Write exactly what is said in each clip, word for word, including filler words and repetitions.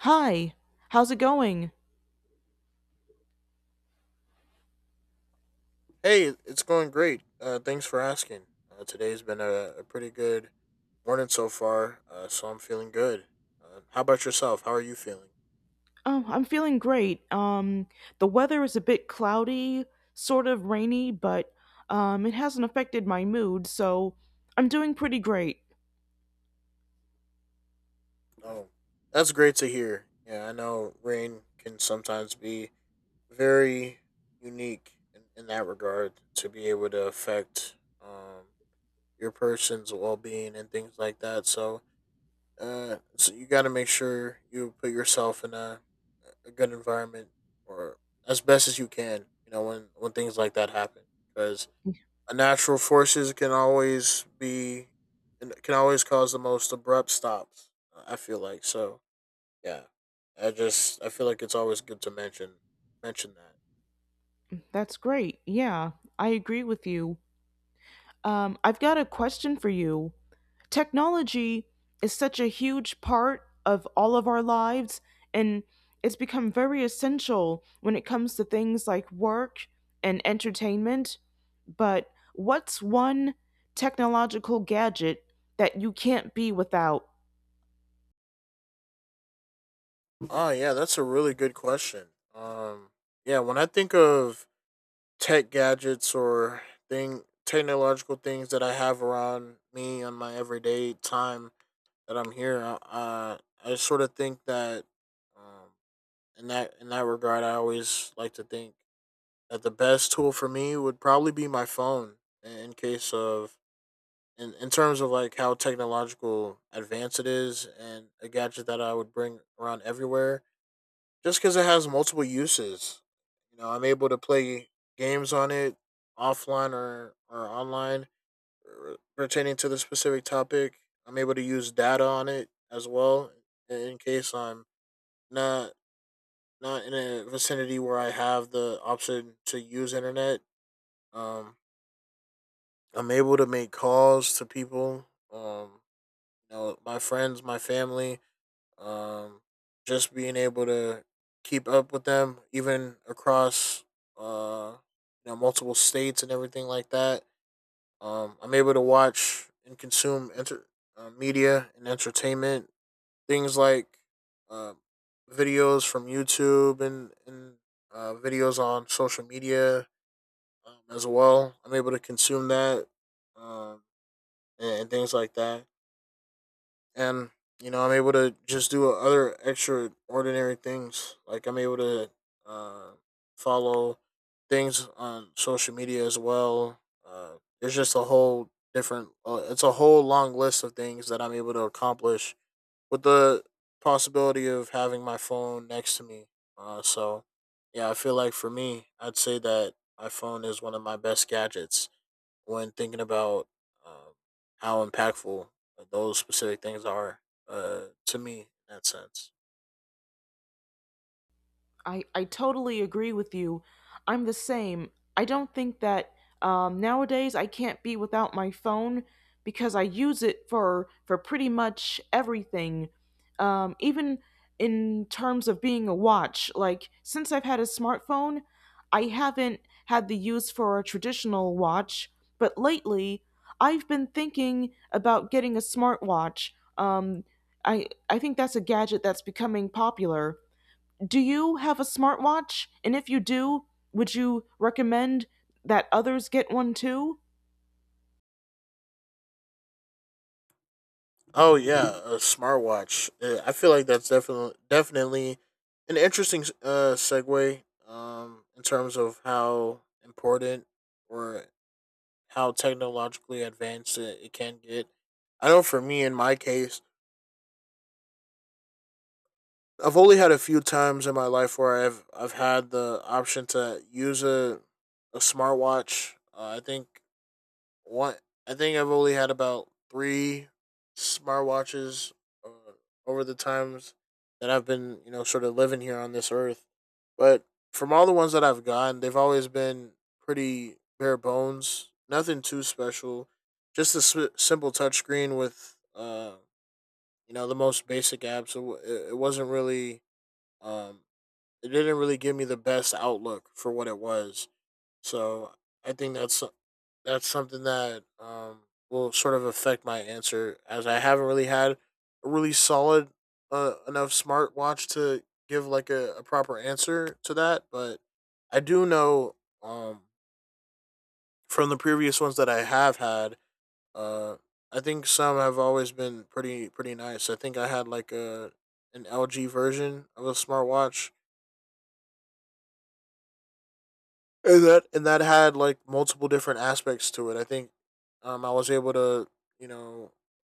Hi, how's it going? Hey, it's going great. Uh, thanks for asking. Uh, today's been a, a pretty good morning so far, uh, so I'm feeling good. Uh, how about yourself? How are you feeling? Oh, I'm feeling great. Um, the weather is a bit cloudy, sort of rainy, but um, it hasn't affected my mood, so I'm doing pretty great. Oh, that's great to hear. Yeah, I know rain can sometimes be very unique in, in that regard to be able to affect um, your person's well being and things like that. So Uh, so you got to make sure you put yourself in a a good environment or as best as you can. You know when when things like that happen because unnatural forces can always be and can always cause the most abrupt stops. I feel like so. Yeah, I just I feel like it's always good to mention mention that. That's great. Yeah, I agree with you. Um, I've got a question for you. Technology is such a huge part of all of our lives, and it's become very essential when it comes to things like work and entertainment. But what's one technological gadget that you can't be without? Oh yeah, that's a really good question. Um, yeah, when I think of tech gadgets or thing technological things that I have around me on my everyday time that I'm here. Uh, I sort of think that um, in that in that regard, I always like to think that the best tool for me would probably be my phone. In, in case of in, in terms of like how technological advanced it is and a gadget that I would bring around everywhere just because it has multiple uses. You know, I'm able to play games on it offline or, or online r- pertaining to the specific topic. I'm able to use data on it as well in in case I'm not not in a vicinity where I have the option to use internet. Um, I'm able to make calls to people. Um, you know, my friends, my family. Um, just being able to keep up with them, even across uh, you know, multiple states and everything like that. Um, I'm able to watch and consume enter- uh, media and entertainment, things like uh, videos from YouTube and and uh, videos on social media um, as well. I'm able to consume that um, and, and things like that and you know I'm able to just do other extraordinary things. Like I'm able to uh, follow things on social media as well. Uh, there's just a whole different. Uh, it's a whole long list of things that I'm able to accomplish with the possibility of having my phone next to me. Uh, so yeah, I feel like for me, I'd say that my phone is one of my best gadgets when thinking about um, how impactful those specific things are uh, to me in that sense. I, I totally agree with you. I'm the same. I don't think that um, nowadays I can't be without my phone because I use it for for pretty much everything. Um, even in terms of being a watch, like since I've had a smartphone, I haven't had the use for a traditional watch. But lately, I've been thinking about getting a smartwatch. Um, I I think that's a gadget that's becoming popular. Do you have a smartwatch? And if you do, would you recommend that others get one too? Oh yeah, a smartwatch. Uh, I feel like that's definitely definitely an interesting uh, segue um, in terms of how important or how technologically advanced it, it can get. I know for me, in my case, I've only had a few times in my life where I've I've had the option to use a a smartwatch. Uh, I think What I think I've only had about three smartwatches uh, over the times that I've been, you know, sort of living here on this earth. But from all the ones that I've gotten, they've always been pretty bare bones, nothing too special, just a sw- simple touchscreen with, uh, you know, the most basic apps. So it, it wasn't really, um, it didn't really give me the best outlook for what it was. So I think that's so- that's something that um will sort of affect my answer as I haven't really had a really solid uh, enough smartwatch to give like a, a proper answer to that, but I do know um from the previous ones that I have had uh I think some have always been pretty pretty nice. I think I had like a an L G version of a smartwatch and that and that had like multiple different aspects to it. I think um, I was able to you know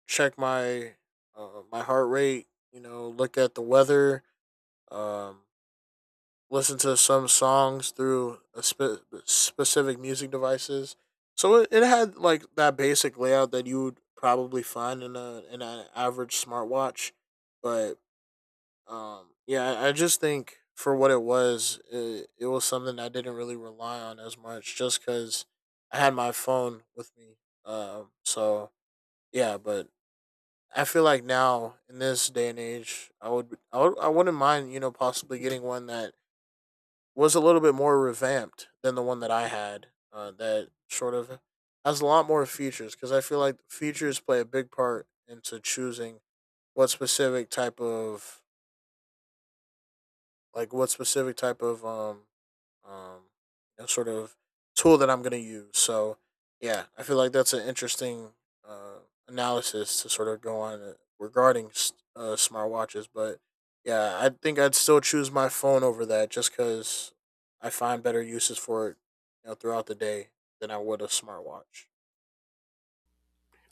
check my uh, my heart rate, you know, look at the weather, um, listen to some songs through a spe- specific music devices. So it, it had like that basic layout that you would probably find in a in an average smartwatch, but um, yeah, I I just think for what it was, it, it was something I didn't really rely on as much, just because I had my phone with me. Um, so yeah, but I feel like now in this day and age, I would, I would, I wouldn't mind, you know, possibly getting one that was a little bit more revamped than the one that I had. Uh, that sort of has a lot more features because I feel like features play a big part into choosing what specific type of like what specific type of um um you know, sort of tool that I'm going to use. So yeah, I feel like that's an interesting uh, analysis to sort of go on uh, regarding uh, smartwatches. But yeah, I think I'd still choose my phone over that just because I find better uses for it, you know, throughout the day than I would a smartwatch.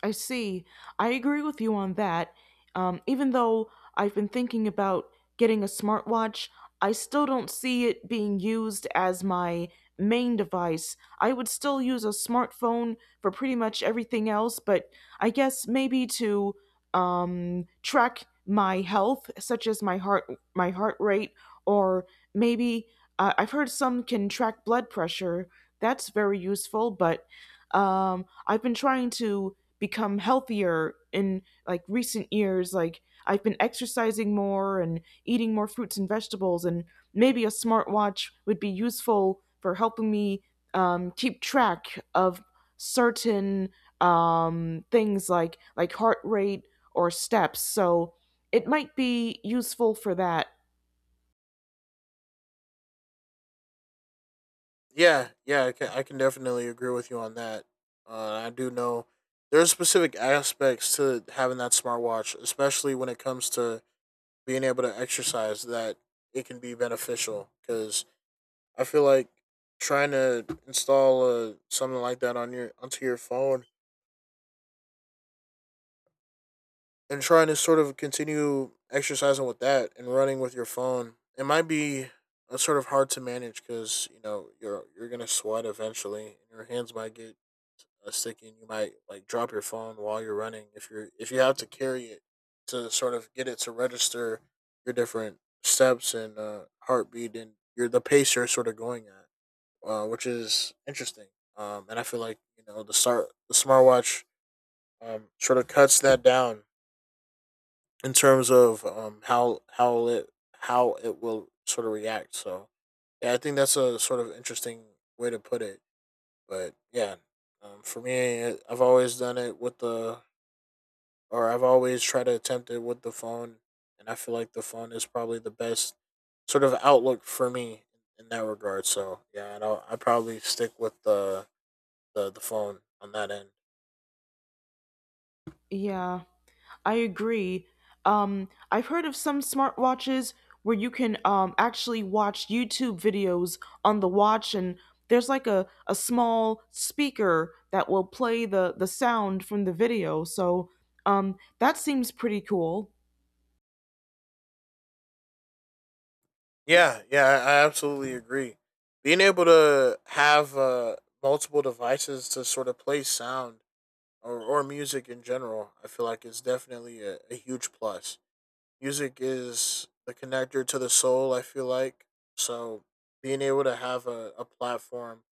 I see. I agree with you on that. Um, even though I've been thinking about getting a smartwatch, I still don't see it being used as my main device. I would still use a smartphone for pretty much everything else, but I guess maybe to um, track my health, such as my heart, my heart rate, or maybe uh, I've heard some can track blood pressure. That's very useful, but um, I've been trying to become healthier in like recent years. Like, I've been exercising more and eating more fruits and vegetables, and maybe a smartwatch would be useful for helping me um, keep track of certain um, things like like heart rate or steps, so it might be useful for that. Yeah, yeah, I can, I can definitely agree with you on that. Uh, I do know there's specific aspects to having that smartwatch, especially when it comes to being able to exercise, that it can be beneficial. Because I feel like trying to install uh, something like that on your onto your phone and trying to sort of continue exercising with that and running with your phone, it might be uh, sort of hard to manage because you know you're you're gonna sweat eventually, and your hands might get uh, sticking. You might like drop your phone while you're running if you're if you have to carry it to sort of get it to register your different steps and uh, heartbeat and your the pace you're sort of going at, uh, which is interesting. Um, and I feel like you know the start the smartwatch um, sort of cuts that down in terms of um, how how it how it will sort of react. So yeah, I think that's a sort of interesting way to put it. But yeah, um, for me, I've always done it with the or I've always tried to attempt it with the phone, and I feel like the phone is probably the best sort of outlook for me in that regard. So yeah, I don't, I probably stick with the, the the phone on that end. Yeah, I agree. Um, I've heard of some smartwatches where you can um, actually watch YouTube videos on the watch, and there's like a, a small speaker that will play the, the sound from the video. So um, that seems pretty cool. Yeah, yeah, I I absolutely agree. Being able to have uh, multiple devices to sort of play sound or, or music in general, I feel like is definitely a, a huge plus. Music is the connector to the soul, I feel like. So being able to have a, a platform,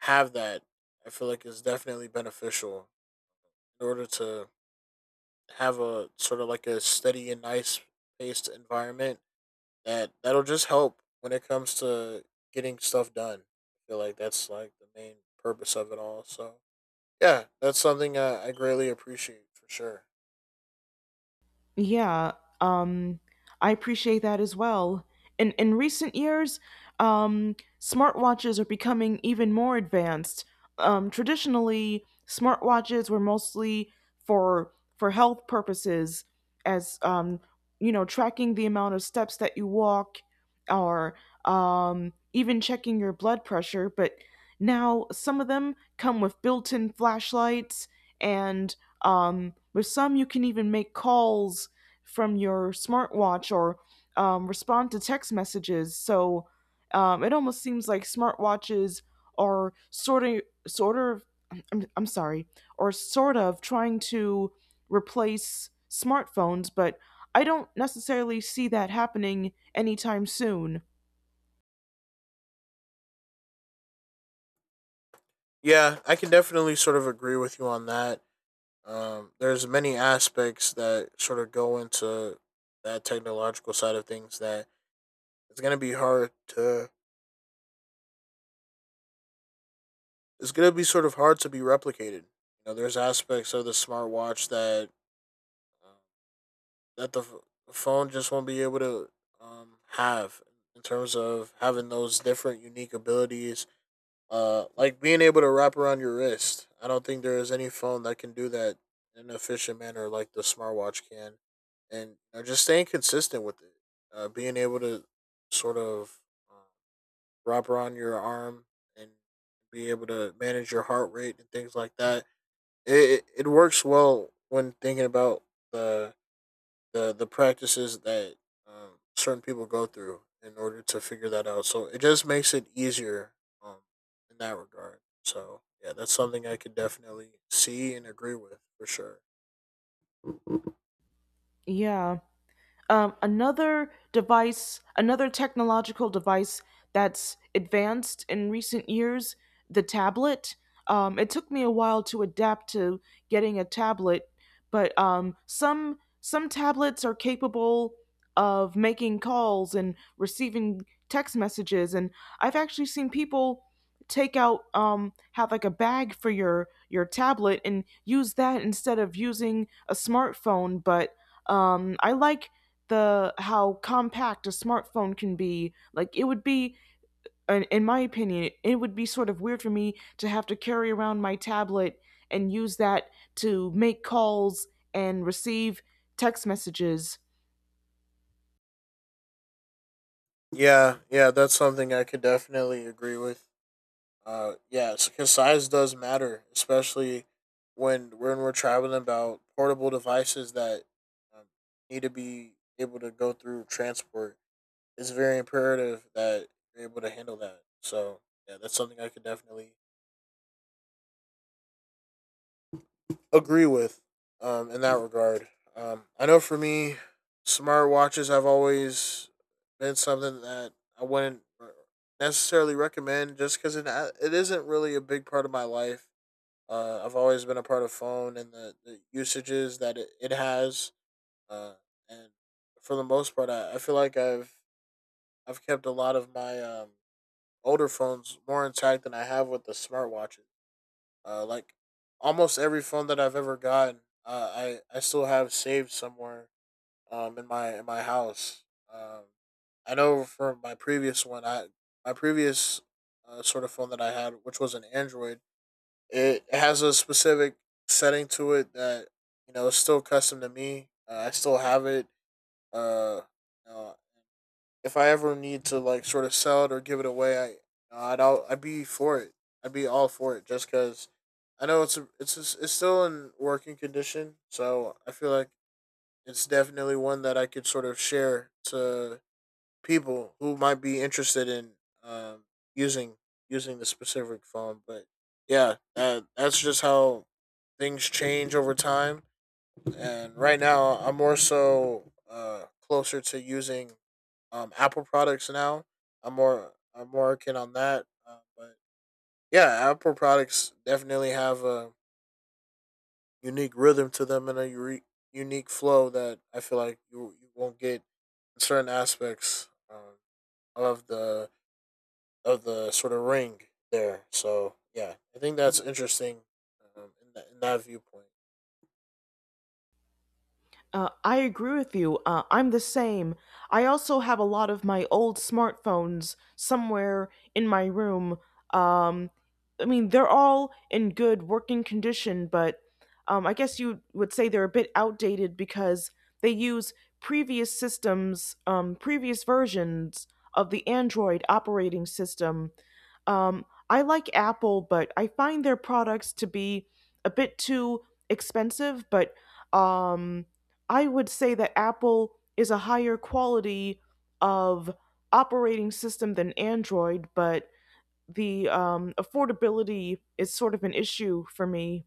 have that, I feel like is definitely beneficial in order to have a sort of like a steady and nice paced environment that that'll just help when it comes to getting stuff done. I feel like that's like the main purpose of it all. So yeah, that's something I, I greatly appreciate for sure. Yeah, um, I appreciate that as well. In in recent years, um, smartwatches are becoming even more advanced. Um, traditionally, smartwatches were mostly for for health purposes, as, um, you know, tracking the amount of steps that you walk, or um, even checking your blood pressure. But now, some of them come with built-in flashlights, and um, with some, you can even make calls from your smartwatch or um, respond to text messages. So um, it almost seems like smartwatches are sort of, sort of, I'm, I'm sorry, or sort of trying to replace smartphones, but I don't necessarily see that happening anytime soon. Yeah, I can definitely sort of agree with you on that. Um, there's many aspects that sort of go into that technological side of things that it's gonna be hard to. It's gonna be sort of hard to be replicated. You know, there's aspects of the smartwatch that uh, that the ph- phone just won't be able to um, have in terms of having those different unique abilities. Uh, like being able to wrap around your wrist. I don't think there is any phone that can do that in an efficient manner like the smartwatch can, and you know, just staying consistent with it. Uh, being able to sort of uh, wrap around your arm and be able to manage your heart rate and things like that. It it, it works well when thinking about the the the practices that um, certain people go through in order to figure that out. So it just makes it easier um, in that regard. So yeah, that's something I could definitely see and agree with for sure. Yeah. Um, another device, another technological device that's advanced in recent years, the tablet. Um, it took me a while to adapt to getting a tablet, but um, some some tablets are capable of making calls and receiving text messages, and I've actually seen people take out, um, have like a bag for your your tablet and use that instead of using a smartphone. But um, I like the how compact a smartphone can be. Like it would be, in, in my opinion, it would be sort of weird for me to have to carry around my tablet and use that to make calls and receive text messages. Yeah, yeah, that's something I could definitely agree with. Uh, yes, because size does matter, especially when when we're traveling about portable devices that um, need to be able to go through transport. It's very imperative that you're able to handle that. So yeah, that's something I could definitely agree with um, in that regard. Um, I know for me, smartwatches have always been something that I wouldn't necessarily recommend just because it, it isn't really a big part of my life. Uh, I've always been a part of phone and the, the usages that it, it has. Uh, and For the most part, I, I feel like I've I've kept a lot of my um, older phones more intact than I have with the smartwatches. Uh, like almost every phone that I've ever gotten, uh, I I still have saved somewhere um in my in my house. Um, I know from my previous one, I my previous uh, sort of phone that I had, which was an Android. It has a specific setting to it that you know is still custom to me. Uh, I still have it. Uh, you know, if I ever need to like sort of sell it or give it away, I I'd all, I'd be for it. I'd be all for it just because I know it's a, it's a, it's still in working condition, so I feel like it's definitely one that I could sort of share to people who might be interested in um, using using the specific phone. But yeah, that, that's just how things change over time, and right now, I'm more so uh, closer to using um, Apple products now. I'm more I'm more working on that. Uh, but yeah, Apple products definitely have a unique rhythm to them and a ure- unique flow that I feel like you you won't get in certain aspects um, of the of the sort of ring there. So yeah, I think that's interesting um, in, that, in that viewpoint. Uh, I agree with you. Uh, I'm the same. I also have a lot of my old smartphones somewhere in my room. Um, I mean, they're all in good working condition, but um, I guess you would say they're a bit outdated because they use previous systems, um, previous versions of the Android operating system. Um, I like Apple, but I find their products to be a bit too expensive, but um I would say that Apple is a higher quality of operating system than Android, but the um, affordability is sort of an issue for me.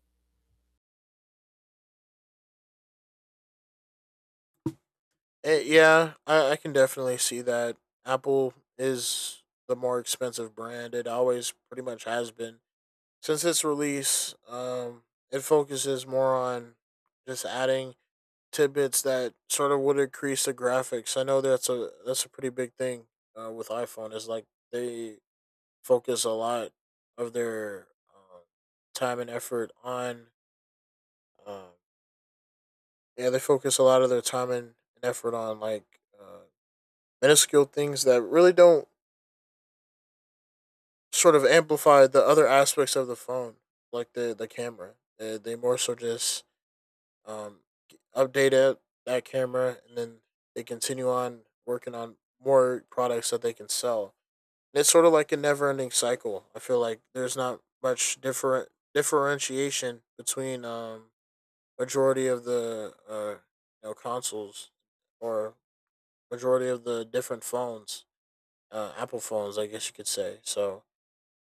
Eh, yeah, I, I can definitely see that. Apple is the more expensive brand. It always pretty much has been. Since its release, um, it focuses more on just adding tidbits that sort of would increase the graphics. I know that's a that's a pretty big thing uh, with iPhone is like they focus a lot of their um, time and effort on um, yeah they focus a lot of their time and, and effort on like uh, minuscule things that really don't sort of amplify the other aspects of the phone, like the the camera. They, they more so just um, update it, that camera, and then they continue on working on more products that they can sell. And it's sort of like a never ending cycle. I feel like there's not much different differentiation between um, majority of the uh, you know, consoles or majority of the different phones, uh, Apple phones, I guess you could say. So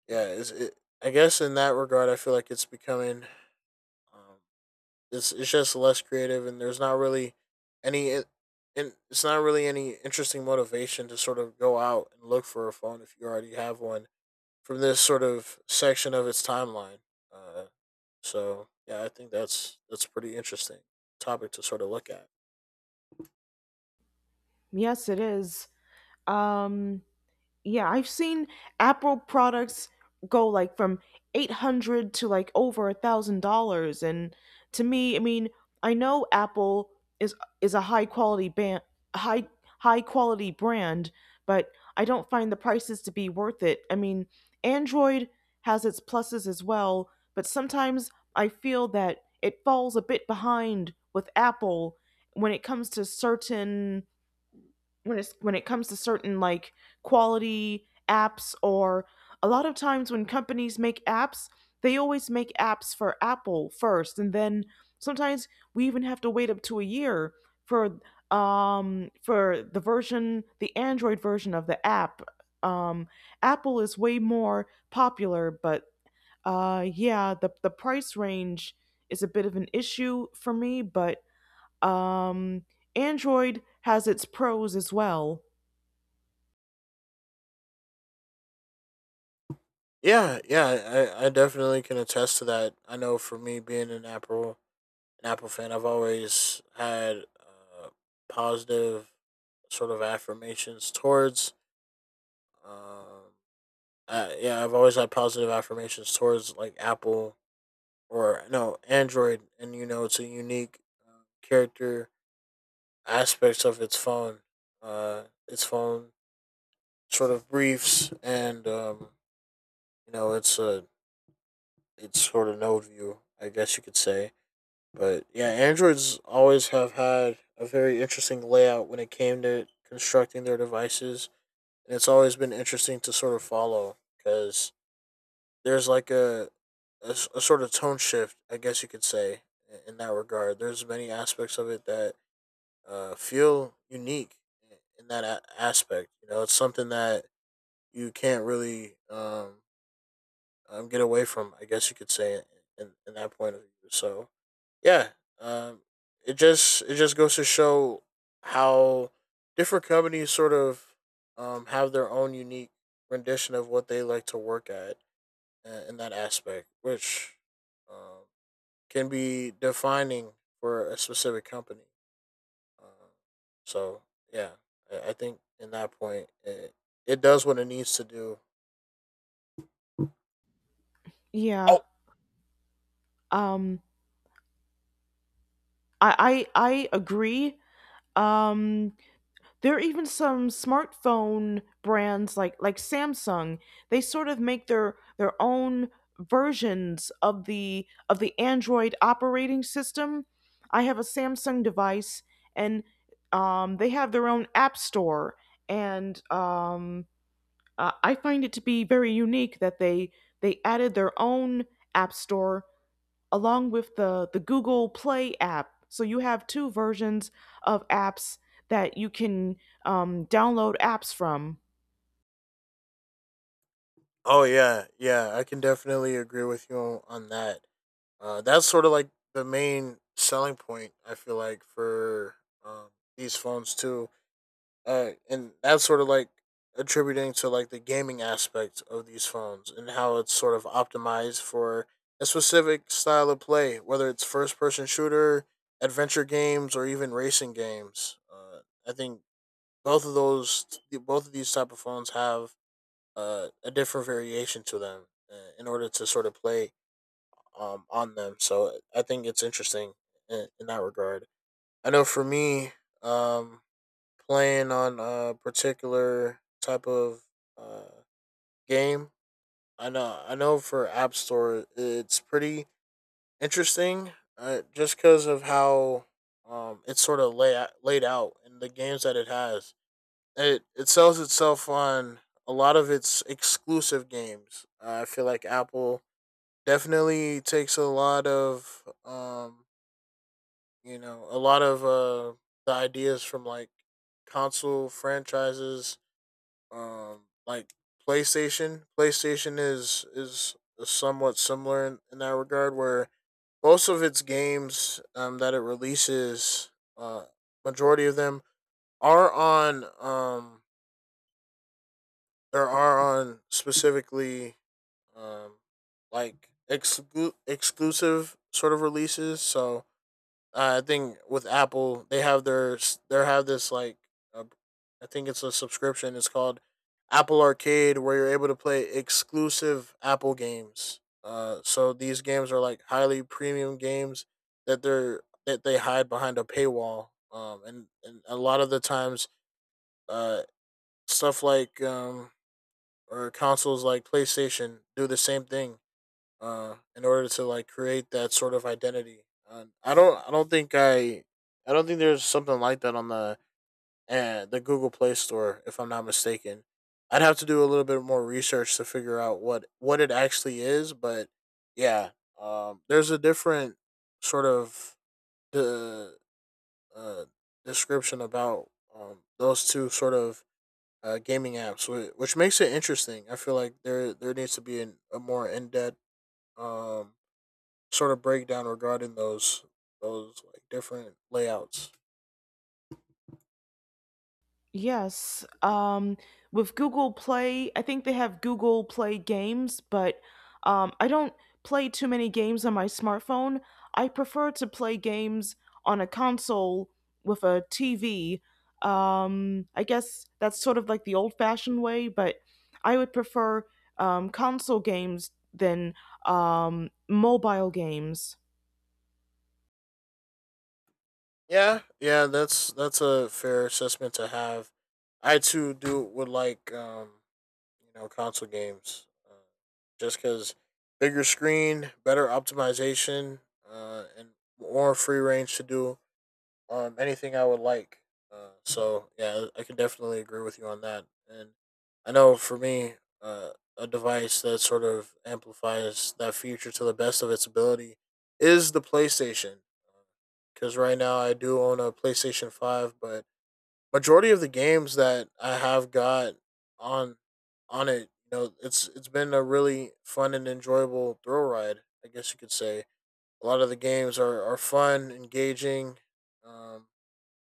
yeah, it's, it, I guess in that regard, I feel like it's becoming um, it's it's just less creative, and there's not really any it, and it's not really any interesting motivation to sort of go out and look for a phone if you already have one from this sort of section of its timeline. Uh, so yeah, I think that's that's a pretty interesting topic to sort of look at. Yes, it is. Um, yeah, I've seen Apple products go like from eight hundred to like over a thousand dollars, and to me, I mean, I know Apple is is a high quality band high high quality brand, but I don't find the prices to be worth it. I mean, Android has its pluses as well, but sometimes I feel that it falls a bit behind with Apple when it comes to certain when it's when it comes to certain like quality apps, or a lot of times when companies make apps, they always make apps for Apple first, and then sometimes we even have to wait up to a year for um for the version, the Android version of the app. Um, Apple is way more popular, but uh yeah, the the price range is a bit of an issue for me, but um Android has its pros as well. Yeah, yeah, I, I definitely can attest to that. I know for me being an Apple an Apple fan, I've always had uh, positive sort of affirmations towards. Um, uh, yeah, I've always had positive affirmations towards like Apple or no Android, and you know it's a unique uh, character aspects of its phone. Uh, its phone sort of briefs, and um, you know it's a it's sort of node view, I guess you could say. But yeah, androids always have had a very interesting layout when it came to constructing their devices, and it's always been interesting to sort of follow because there's like a a a sort of tone shift, I guess you could say, in that regard. There's many aspects of it that uh, feel unique in that a- aspect. You know, it's something that you can't really um, um, get away from, I guess you could say, in, in that point of view. So yeah, um it just it just goes to show how different companies sort of um have their own unique rendition of what they like to work at uh, in that aspect, which um can be defining for a specific company. Uh, so yeah I, I, think in that point it, it does what it needs to do. Yeah. Oh, Um I I I agree. Um there are even some smartphone brands like like Samsung. They sort of make their their own versions of the of the Android operating system. I have a Samsung device, and um they have their own app store, and um uh, I find it to be very unique that they they added their own app store along with the, the Google Play app. So you have two versions of apps that you can um, download apps from. oh yeah, yeah, I can definitely agree with you on, on that. Uh, that's sort of like the main selling point I feel like for um, these phones too, uh, and that's sort of like attributing to like the gaming aspect of these phones and how it's sort of optimized for a specific style of play, whether it's first person shooter, adventure games, or even racing games. Uh, I think both of those, both of these type of phones have uh, a different variation to them uh, in order to sort of play um, on them. So I think it's interesting in, in that regard. I know for me, um, playing on a particular type of uh, game, I know I know for App Store, it's pretty interesting, uh, just because of how um, it's sort of lay laid out and the games that it has. It it sells itself on a lot of its exclusive games. Uh, I feel like Apple definitely takes a lot of um, you know, a lot of uh the ideas from like console franchises, um, like PlayStation. PlayStation is is somewhat similar in, in that regard, where most of its games um that it releases, uh, majority of them are on um there are on specifically um like exclu- exclusive sort of releases. So uh, I think with Apple, they have their they have this like uh, I think it's a subscription. It's called Apple Arcade, where you're able to play exclusive Apple games. Uh, so these games are like highly premium games that they're that they hide behind a paywall. Um, and and a lot of the times, uh, stuff like um or consoles like PlayStation do the same thing uh, in order to like create that sort of identity. Uh, I don't I don't think I I don't think there's something like that on the uh, the Google Play Store, if I'm not mistaken. I'd have to do a little bit more research to figure out what what it actually is, but yeah, um, there's a different sort of the uh, description about um, those two sort of uh, gaming apps, whi- which makes it interesting. I feel like there there needs to be an, a more in depth um, sort of breakdown regarding those those like different layouts. Yes. Um, with Google Play, I think they have Google Play games, but um, I don't play too many games on my smartphone. I prefer to play games on a console with a T V. Um, I guess that's sort of like the old fashioned way, but I would prefer um, console games than um, mobile games. Yeah, yeah, that's that's a fair assessment to have. I too do would like um, you know console games, uh, just because bigger screen, better optimization, uh, and more free range to do um, anything I would like. Uh, so yeah, I could definitely agree with you on that. And I know for me, uh, a device that sort of amplifies that feature to the best of its ability is the PlayStation. Because right now I do own a PlayStation Five, but majority of the games that I have got on on it, you know, it's it's been a really fun and enjoyable thrill ride. I guess you could say a lot of the games are are fun, engaging. Um,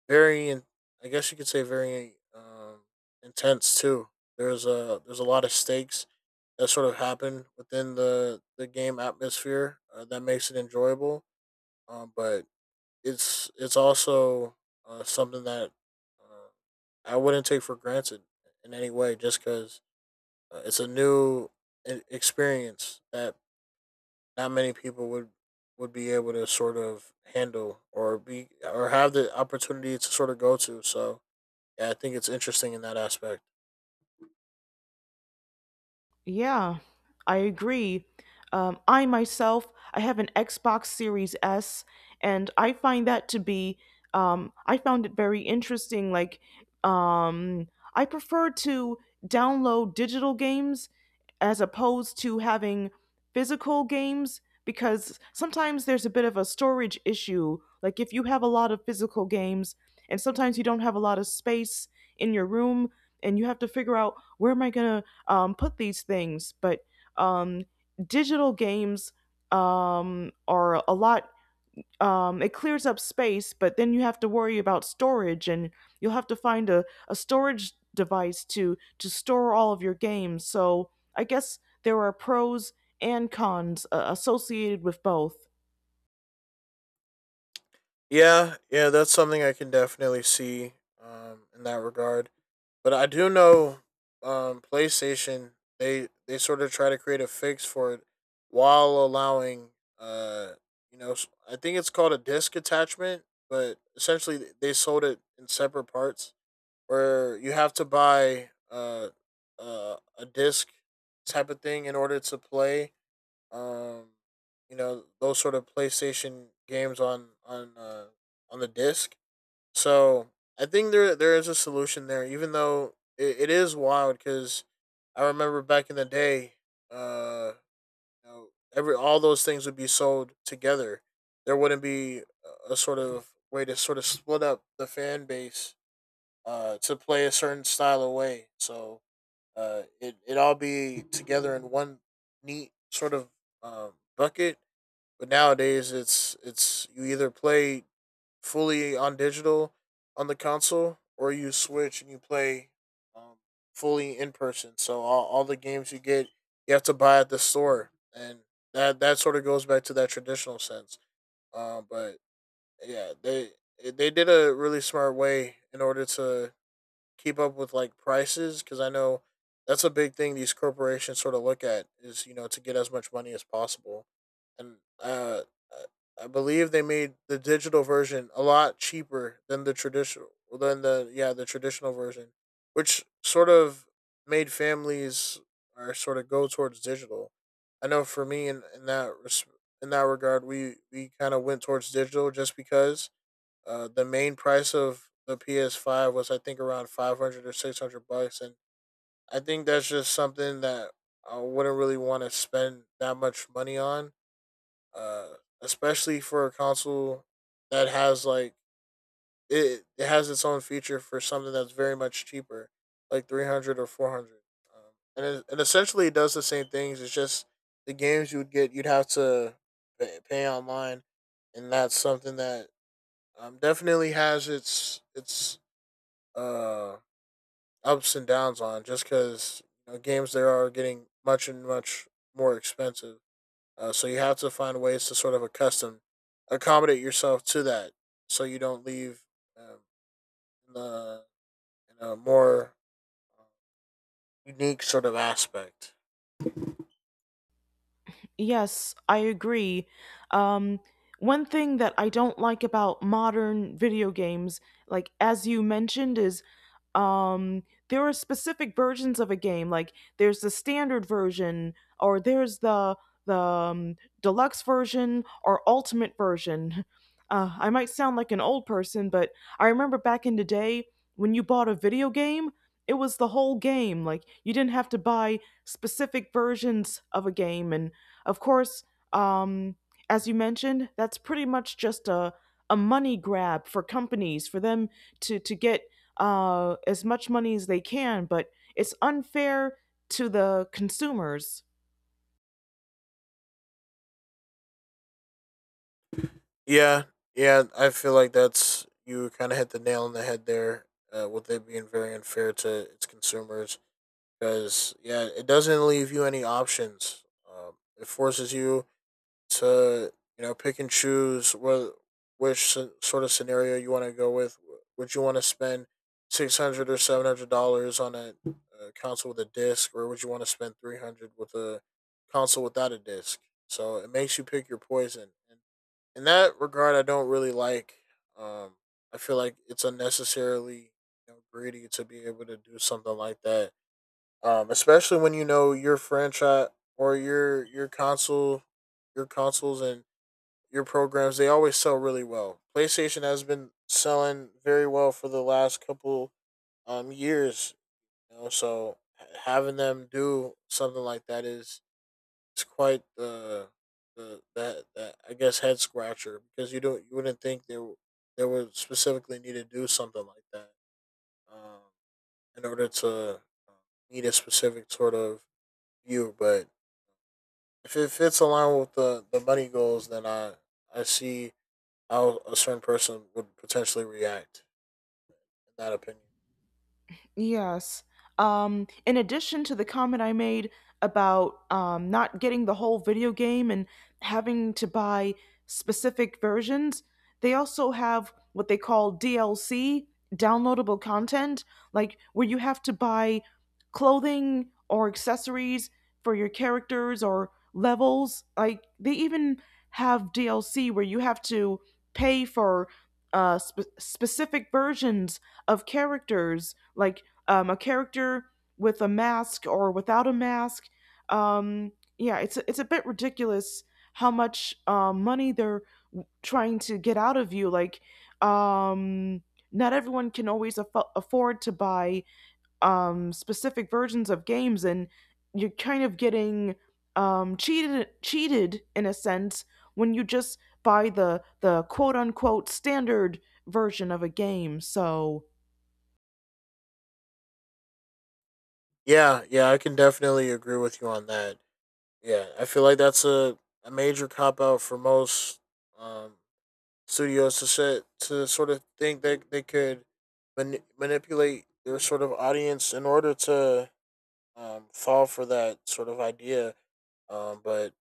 very, in- I guess you could say, very um, intense too. There's a there's a lot of stakes that sort of happen within the the game atmosphere uh, that makes it enjoyable. Um, but it's it's also uh, something that uh, I wouldn't take for granted in any way, just because uh, it's a new e- experience that not many people would would be able to sort of handle or be or have the opportunity to sort of go to. So yeah, I think it's interesting in that aspect. Yeah, I agree. Um, I myself, I have an Xbox Series S, and I find that to be, um, I found it very interesting. Like, um, I prefer to download digital games as opposed to having physical games because sometimes there's a bit of a storage issue. Like, if you have a lot of physical games, and sometimes you don't have a lot of space in your room, and you have to figure out where am I going to um, put these things, but um, digital games um, are a lot. Um, it clears up space, but then you have to worry about storage, and you'll have to find a, a storage device to to store all of your games. So I guess there are pros and cons, uh, associated with both. Yeah, yeah, that's something I can definitely see um, in that regard. But I do know um, PlayStation, they they sort of try to create a fix for it while allowing uh you know s- I think it's called a disc attachment, but essentially th- they sold it in separate parts where you have to buy uh, uh a disc type of thing in order to play um, you know those sort of PlayStation games on on uh, on the disc. So I think there there is a solution there, even though it, it is wild because I remember back in the day, uh, you know, every all those things would be sold together. There wouldn't be a a sort of way to sort of split up the fan base uh, to play a certain style of way. So uh, it it all be together in one neat sort of um, bucket, but nowadays, it's it's you either play fully on digital on the console, or you switch and you play um, fully in person. So all, all the games you get, you have to buy at the store, and that that sort of goes back to that traditional sense. Um, but yeah, they they did a really smart way in order to keep up with like prices because I know that's a big thing these corporations sort of look at is, you know, to get as much money as possible, and uh, I- believe they made the digital version a lot cheaper than the traditional than the yeah the traditional version, which sort of made families or sort of go towards digital. I know for me in, in that res- in that regard we we kind of went towards digital just because uh, the main price of the P S five was, I think, around five hundred or six hundred bucks, and I think that's just something that I wouldn't really want to spend that much money on, uh especially for a console that has like it, it has its own feature for something that's very much cheaper, like three hundred or four hundred. Um, and it, and essentially it does the same things. It's just the games you would get, you'd have to pay, pay online, and that's something that um, definitely has its its uh, ups and downs, on just because, you know, games there are getting much and much more expensive. Uh, so you have to find ways to sort of accustom accommodate yourself to that, so you don't leave um, in, the, in a more uh, unique sort of aspect. Yes, I agree. Um, one thing that I don't like about modern video games, like as you mentioned, is um, there are specific versions of a game. Like there's the standard version, or there's the the um, deluxe version, or ultimate version. Uh, I might sound like an old person, but I remember back in the day when you bought a video game, it was the whole game. Like you didn't have to buy specific versions of a game. And of course, um, as you mentioned, that's pretty much just a, a money grab for companies for them to, to get, uh, as much money as they can, but it's unfair to the consumers. Yeah, yeah, I feel like that's, you kind of hit the nail on the head there, uh, with it being very unfair to its consumers, because, yeah, it doesn't leave you any options. Um, it forces you to, you know, pick and choose what which sort of scenario you want to go with. Would you want to spend six hundred dollars or seven hundred dollars on a, a console with a disc, or would you want to spend three hundred dollars with a console without a disc? So it makes you pick your poison, and in that regard, I don't really like. Um, I feel like it's unnecessarily, you know, greedy to be able to do something like that, um, especially when, you know, your franchise or your your console, your consoles and your programs, they always sell really well. PlayStation has been selling very well for the last couple um, years. You know, so having them do something like that is, it's quite the the that, that I guess head scratcher, because you don't you wouldn't think they w- they would specifically need to do something like that um, in order to uh, meet a specific sort of view. But if it fits along with the the money goals, then I I see how a certain person would potentially react in that opinion. Yes. Um, in addition to the comment I made about um, not getting the whole video game and having to buy specific versions, they also have what they call D L C, downloadable content, like where you have to buy clothing or accessories for your characters or levels. Like they even have D L C where you have to pay for, uh, spe- specific versions of characters like, um, a character with a mask or without a mask. Um, yeah, it's it's a bit ridiculous how much, um, money they're trying to get out of you. Like, um, not everyone can always affo- afford to buy, um, specific versions of games, and you're kind of getting, um, cheated cheated in a sense when you just buy the the quote unquote standard version of a game. So Yeah, yeah, I can definitely agree with you on that. Yeah, I feel like that's a, a major cop out for most um, studios to set to sort of think that they could mani- manipulate their sort of audience in order to um, fall for that sort of idea. Um, but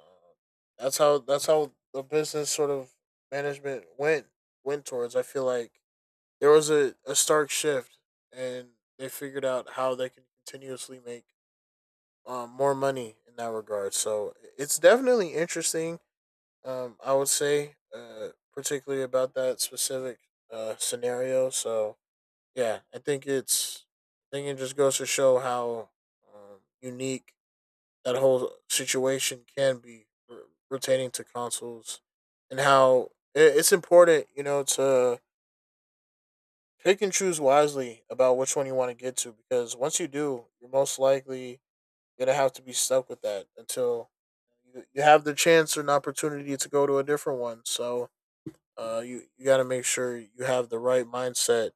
Uh, That's how that's how the business sort of management went went towards. I feel like there was a, a stark shift, and they figured out how they can continuously make um, more money in that regard. So it's definitely interesting. Um, I would say, uh, particularly about that specific uh, scenario. So yeah, I think it's I think it just goes to show how um, unique that whole situation can be, re- pertaining to consoles, and how i- it's important, you know, to pick and choose wisely about which one you want to get to, because once you do, you're most likely going to have to be stuck with that until you, you have the chance or an opportunity to go to a different one. So, uh, you, you got to make sure you have the right mindset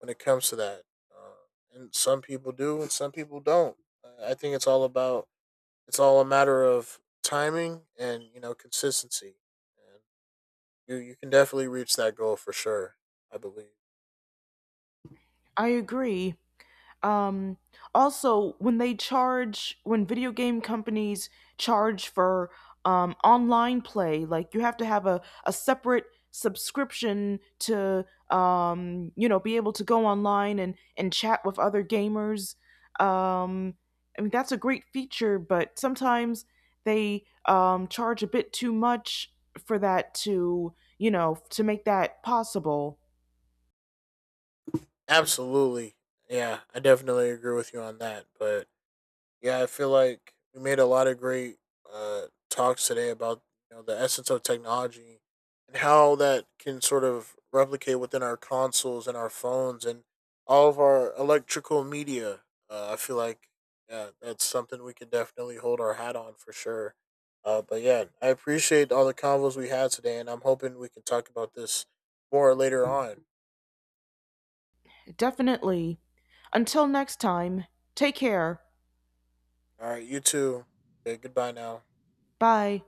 when it comes to that. Uh, and some people do and some people don't. Uh, I think it's all about, it's all a matter of timing and, you know, consistency. And you you can definitely reach that goal for sure, I believe. I agree. Um, also, when they charge, when video game companies charge for, um, online play, like you have to have a, a separate subscription to, um, you know, be able to go online and, and chat with other gamers. Um, I mean, that's a great feature, but sometimes they, um, charge a bit too much for that to, you know, to make that possible. Absolutely. Yeah, I definitely agree with you on that. But yeah, I feel like we made a lot of great uh, talks today about, you know, the essence of technology and how that can sort of replicate within our consoles and our phones and all of our electrical media. Uh, I feel like, yeah, that's something we can definitely hold our hat on for sure. Uh, but yeah, I appreciate all the convos we had today, and I'm hoping we can talk about this more later on. Definitely. Until next time, take care. All right, you too. Okay, goodbye now. Bye.